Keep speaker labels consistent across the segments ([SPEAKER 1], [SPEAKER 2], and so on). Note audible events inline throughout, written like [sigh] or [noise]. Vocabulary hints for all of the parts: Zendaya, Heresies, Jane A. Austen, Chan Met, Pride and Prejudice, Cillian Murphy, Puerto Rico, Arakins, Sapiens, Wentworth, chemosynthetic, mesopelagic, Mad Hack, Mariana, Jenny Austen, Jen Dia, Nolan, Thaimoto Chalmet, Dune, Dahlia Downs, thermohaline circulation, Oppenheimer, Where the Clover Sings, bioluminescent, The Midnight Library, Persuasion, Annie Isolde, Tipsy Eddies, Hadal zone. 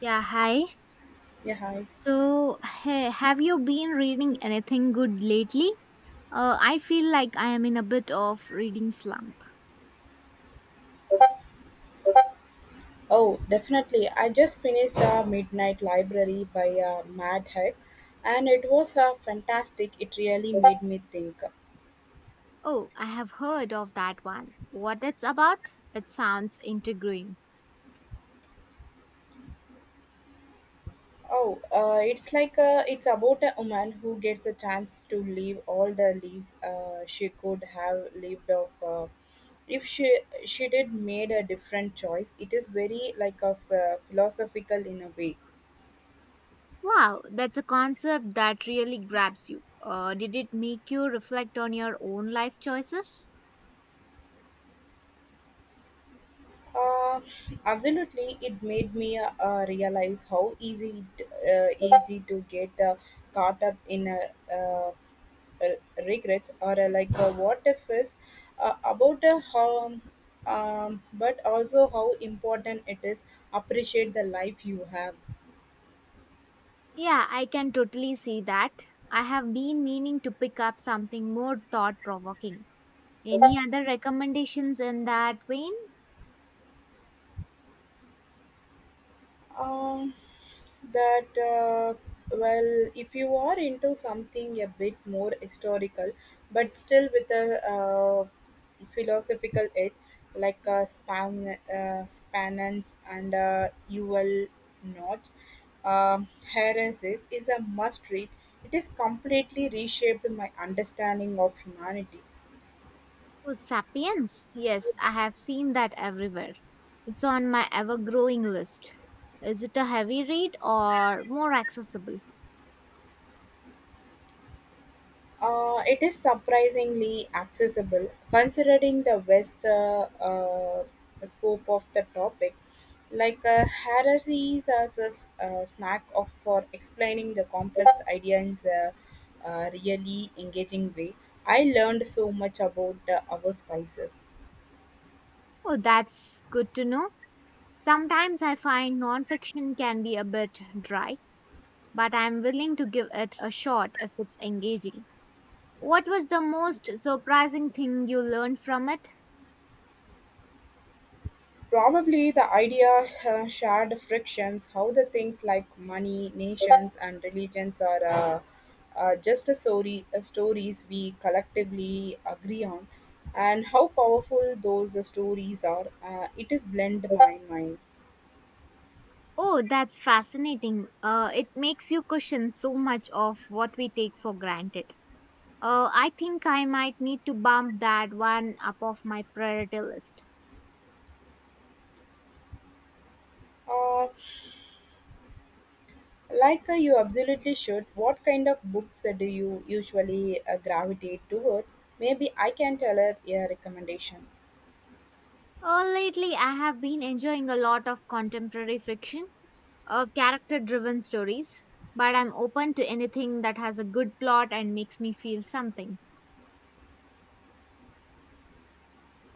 [SPEAKER 1] Yeah, hi.
[SPEAKER 2] Yeah, hi.
[SPEAKER 1] So, have you been reading anything good lately? I feel like I am in a bit of reading slump.
[SPEAKER 2] Oh, definitely. I just finished The Midnight Library by Mad Hack, and it was fantastic. It really made me think.
[SPEAKER 1] Oh, I have heard of that one. What it's about? It sounds intriguing.
[SPEAKER 2] Oh, it's it's about a woman who gets a chance to live all the lives she could have lived of if she did made a different choice. It is very like a philosophical in a way.
[SPEAKER 1] Wow, that's a concept that really grabs you. Did it make you reflect on your own life choices?
[SPEAKER 2] Uh, absolutely, it made me realize how easy it, easy to get caught up in a, uh, regrets or what if is about how but also how important it is appreciate the life you have.
[SPEAKER 1] Yeah, I can totally see that. I have been meaning to pick up something more thought provoking. Any other recommendations in that vein?
[SPEAKER 2] um, that well if you are into something a bit more historical but still with a philosophical edge spanans and you will not uh, heresies is a must read. It has completely reshaped my understanding of humanity.
[SPEAKER 1] Oh, Sapiens. Yes, I have seen that everywhere. It's on my ever growing list. Is it a heavy read or more accessible?
[SPEAKER 2] It is surprisingly accessible considering the vast scope of the topic. Heresies as a snack of for explaining the complex idea in a really engaging way. I learned so much about our spices.
[SPEAKER 1] Oh, that's good to know. Sometimes I find nonfiction can be a bit dry, but I'm willing to give it a shot if it's engaging. What was the most surprising thing you learned from it?
[SPEAKER 2] Probably the idea shared frictions, how the things like money, nations, and religions are just a story, stories we collectively agree on, and how powerful those stories are. It is blend my mind.
[SPEAKER 1] Oh, that's fascinating. It makes you question so much of what we take for granted. I think I might need to bump that one up off my priority list.
[SPEAKER 2] Uh, you absolutely should. What kind of books do you usually gravitate towards? Maybe I can tell her a recommendation.
[SPEAKER 1] Lately, I have been enjoying a lot of contemporary fiction, character driven stories, but I'm open to anything that has a good plot and makes me feel something.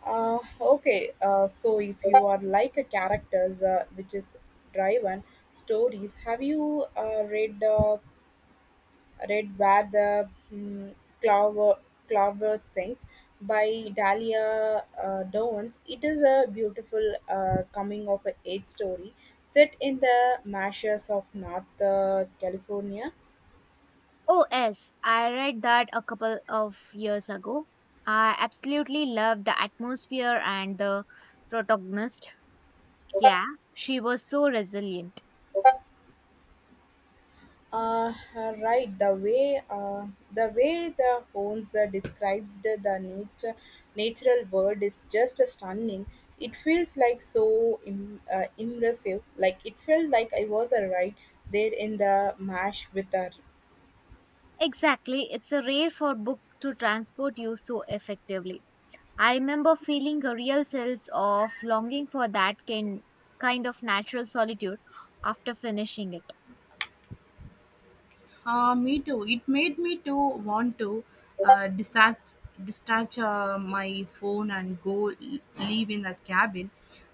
[SPEAKER 2] Okay, so if you are like a characters which is driven stories, have you read read where the clover clover sings by Dahlia Downs? It is a beautiful coming of age story set in the marshes of North California.
[SPEAKER 1] Oh, yes, I read that a couple of years ago. I absolutely loved the atmosphere and the protagonist. Yeah, she was so resilient.
[SPEAKER 2] Uh, right, the way the Holmes describes the natural world is just stunning. It feels like so immersive. Like it felt like I was right there in the mash with her.
[SPEAKER 1] Exactly, it's a rare for book to transport you so effectively. I remember feeling a real sense of longing for that kind of natural solitude after finishing it.
[SPEAKER 2] Me too. It made me to want to uh, dispatch, dispatch my phone and go leave in the cabin.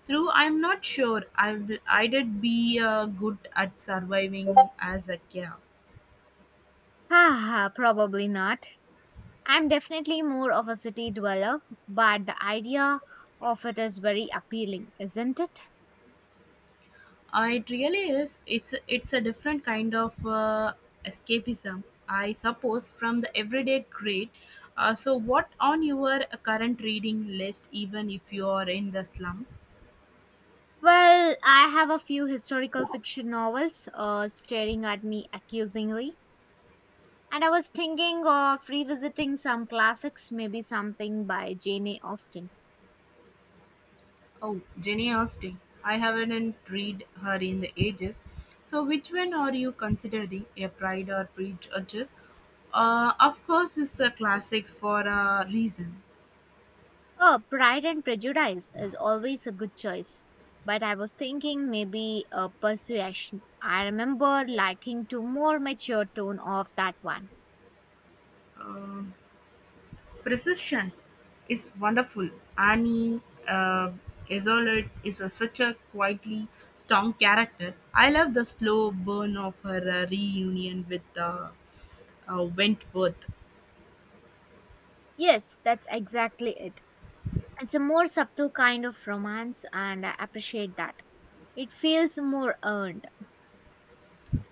[SPEAKER 2] Through, I'm not sure. I did be good at surviving as a cat.
[SPEAKER 1] [sighs] Haha, probably not. I'm definitely more of a city dweller, but the idea of it is very appealing, isn't it?
[SPEAKER 2] It really is. It's a different kind of escapism, I suppose, from the everyday grade. So, what on your current reading list, even if you are in the slum?
[SPEAKER 1] Well, I have a few historical fiction novels staring at me accusingly, and I was thinking of revisiting some classics, maybe something by Jane A. Austen.
[SPEAKER 2] Oh, Jenny Austen. I haven't read her in the ages. So, which one are you considering? A Pride or Prejudice? Of course, it's a classic for a reason.
[SPEAKER 1] Oh, Pride and Prejudice is always a good choice, but I was thinking maybe a Persuasion. I remember liking to more mature tone of that one.
[SPEAKER 2] Uh, Precision is wonderful. Annie uh, Isolde is a, such a quietly strong character. I love the slow burn of her reunion with Wentworth.
[SPEAKER 1] Yes, that's exactly it. It's a more subtle kind of romance, and I appreciate that. It feels more earned.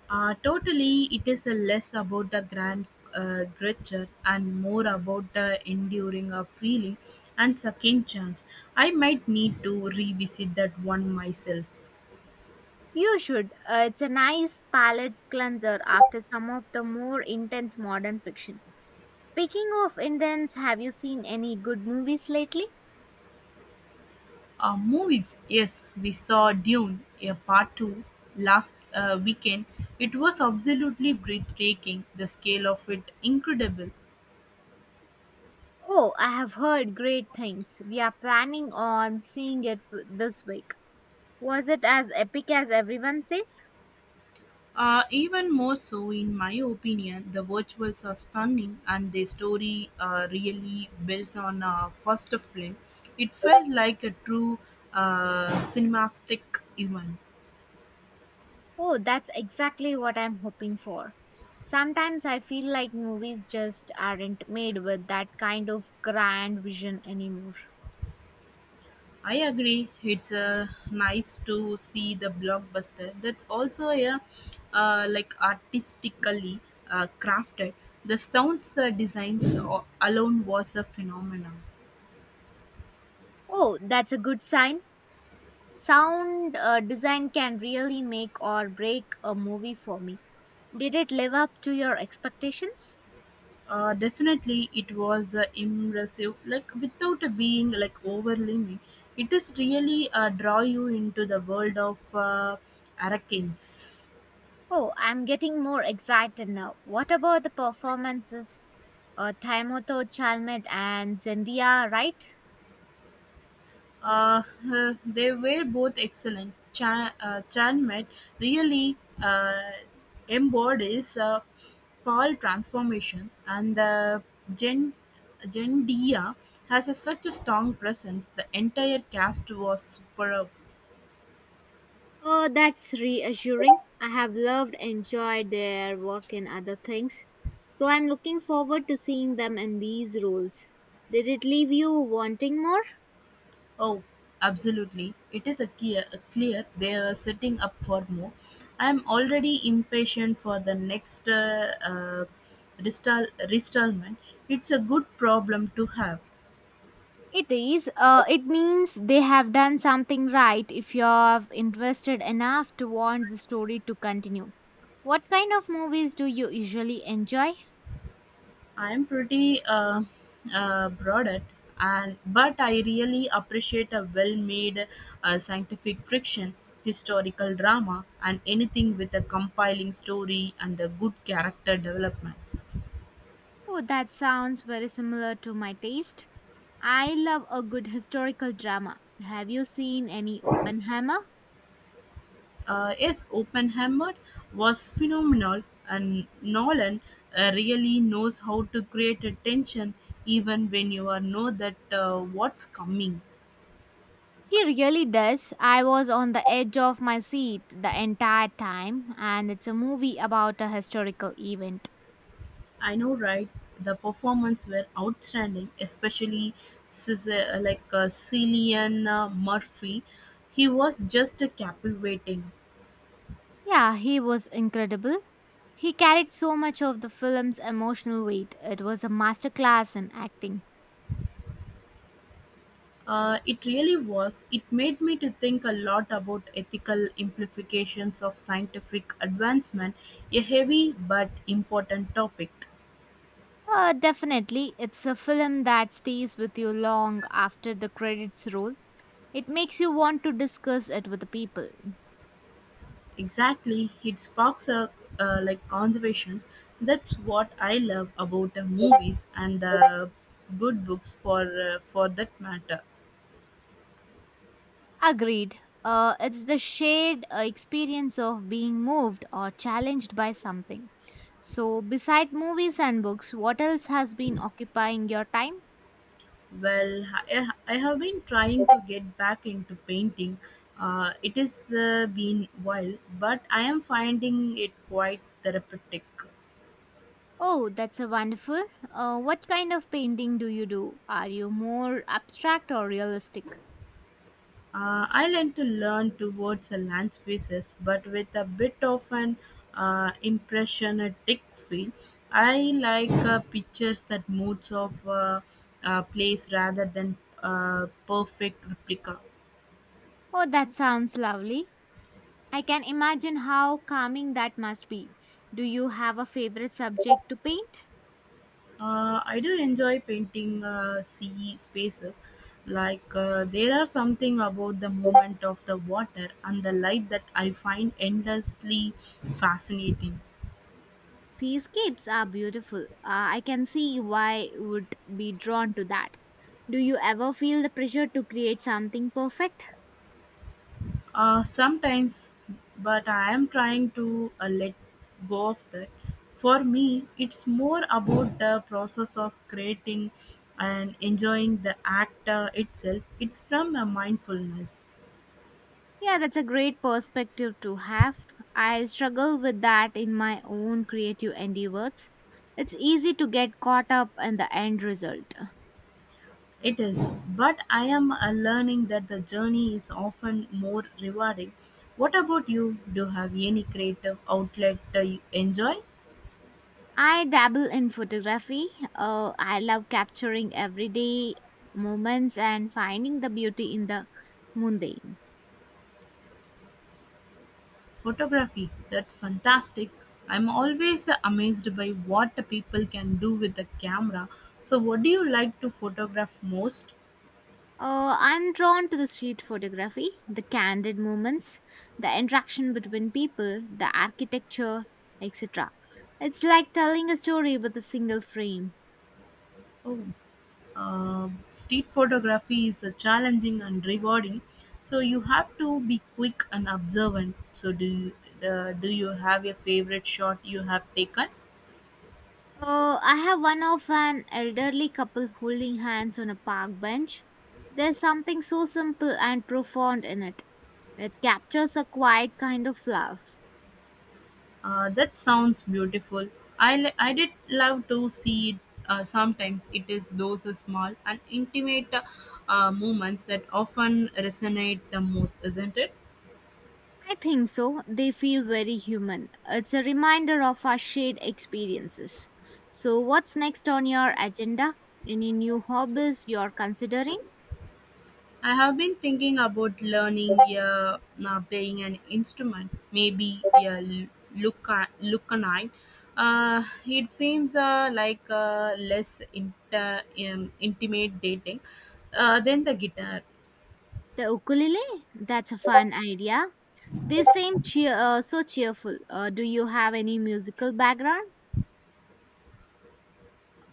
[SPEAKER 2] Totally, it is a less about the grand gesture and more about the enduring of feeling and second chance. I might need to revisit that one myself.
[SPEAKER 1] You should. It's a nice palate cleanser after some of the more intense modern fiction. Speaking of intense, have you seen any good movies lately?
[SPEAKER 2] Movies, yes, we saw Dune, a part two, last weekend. It was absolutely breathtaking. The scale of it incredible.
[SPEAKER 1] Oh, I have heard great things. We are planning on seeing it this week. Was it as epic as everyone says?
[SPEAKER 2] Even more so, in my opinion, the virtuals are stunning, and the story really builds on a first film. It felt like a true cinematic event.
[SPEAKER 1] Oh, that's exactly what I'm hoping for. Sometimes I feel like movies just aren't made with that kind of grand vision anymore.
[SPEAKER 2] I agree. It's nice to see the blockbuster. That's also a artistically crafted. The sounds designs alone was a phenomenon.
[SPEAKER 1] Oh, that's a good sign. Sound design can really make or break a movie for me. Did it live up to your expectations?
[SPEAKER 2] Definitely, it was immersive, like without being like overwhelming. It is really draw you into the world of Arakins.
[SPEAKER 1] Oh, I'm getting more excited now. What about the performances? Thaimoto Chalmet and Zendaya, right?
[SPEAKER 2] Uh, they were both excellent. Chan met really uh, embodies Paul transformation, and Jen Jen Dia has a, such a strong presence. The entire cast was superb.
[SPEAKER 1] Oh, that's reassuring. I have loved enjoyed their work in other things. So I'm looking forward to seeing them in these roles. Did it leave you wanting more?
[SPEAKER 2] Oh, absolutely. It is a clear they are setting up for more. I am already impatient for the next restallment. It's a good problem to have.
[SPEAKER 1] It is. It means they have done something right if you have invested enough to want the story to continue. What kind of movies do you usually enjoy?
[SPEAKER 2] I am pretty broad at and but I really appreciate a well-made scientific fiction, historical drama, and anything with a compiling story and a good character development.
[SPEAKER 1] Oh, that sounds very similar to my taste. I love a good historical drama. Have you seen any Oppenheimer?
[SPEAKER 2] Yes, Oppenheimer was phenomenal, and Nolan really knows how to create a tension even when you are know that what's coming.
[SPEAKER 1] He really does. I was on the edge of my seat the entire time, and it's a movie about a historical event.
[SPEAKER 2] I know, right? The performance were outstanding, especially Cillian Murphy. He was just captivating.
[SPEAKER 1] Yeah, he was incredible. He carried so much of the film's emotional weight. It was a masterclass in acting.
[SPEAKER 2] It really was. It made me to think a lot about ethical implications of scientific advancement, a heavy but important topic.
[SPEAKER 1] Definitely, it's a film that stays with you long after the credits roll. It makes you want to discuss it with the people.
[SPEAKER 2] Exactly, it sparks a conservation. That's what I love about the movies and the good books for that matter.
[SPEAKER 1] Agreed. It's the shared experience of being moved or challenged by something. So, beside movies and books, what else has been occupying your time?
[SPEAKER 2] Well, I have been trying to get back into painting. It has been while, but I am finding it quite therapeutic.
[SPEAKER 1] Oh, that's a wonderful. What kind of painting do you do? Are you more abstract or realistic?
[SPEAKER 2] I like to learn towards a land species, but with a bit of an impressionistic feel. I like pictures that moods of a place rather than perfect replica.
[SPEAKER 1] Oh, that sounds lovely. I can imagine how calming that must be. Do you have a favorite subject to paint?
[SPEAKER 2] I do enjoy painting sea spaces. There are something about the movement of the water and the light that I find endlessly fascinating.
[SPEAKER 1] Seascapes are beautiful. I can see why you would be drawn to that. Do you ever feel the pressure to create something perfect?
[SPEAKER 2] Sometimes, but I am trying to let go of that. For me, it's more about the process of creating and enjoying the act itself. It's from a mindfulness.
[SPEAKER 1] Yeah, that's a great perspective to have. I struggle with that in my own creative endeavors. It's easy to get caught up in the end result.
[SPEAKER 2] It is, but I am learning that the journey is often more rewarding. What about you? Do you have any creative outlet you enjoy?
[SPEAKER 1] I dabble in photography. I love capturing everyday moments and finding the beauty in the mundane.
[SPEAKER 2] Photography, that's fantastic. I'm always amazed by what people can do with the camera. So, what do you like to photograph most?
[SPEAKER 1] I'm drawn to the street photography, the candid moments, the interaction between people, the architecture, etc. It's like telling a story with a single frame.
[SPEAKER 2] Oh, street photography is challenging and rewarding. So, you have to be quick and observant. So, do you have your favorite shot you have taken?
[SPEAKER 1] I have one of an elderly couple holding hands on a park bench. There's something so simple and profound in it. It captures a quiet kind of love.
[SPEAKER 2] That sounds beautiful. I did love to see it. Sometimes it is those small and intimate moments that often resonate the most, isn't it?
[SPEAKER 1] I think so. They feel very human. It's a reminder of our shared experiences. So, what's next on your agenda? Any new hobbies you're considering?
[SPEAKER 2] I have been thinking about learning now playing an instrument, maybe a lucanine. It seems less intimidating than the guitar.
[SPEAKER 1] The ukulele? That's a fun idea. They seem so cheerful. Do you have any musical background?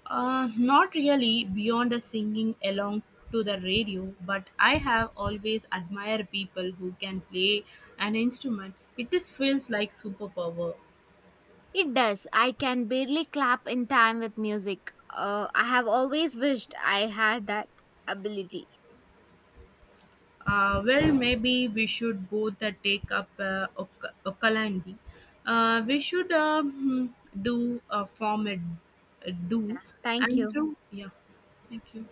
[SPEAKER 2] Not really beyond the singing along to the radio, but I have always admired people who can play an instrument. It just feels like superpower.
[SPEAKER 1] It does. I can barely clap in time with music. I have always wished I had that ability.
[SPEAKER 2] Well, maybe we should both take up ukulele. We should do a form a do
[SPEAKER 1] Thank
[SPEAKER 2] and
[SPEAKER 1] you.
[SPEAKER 2] through. Yeah, thank you.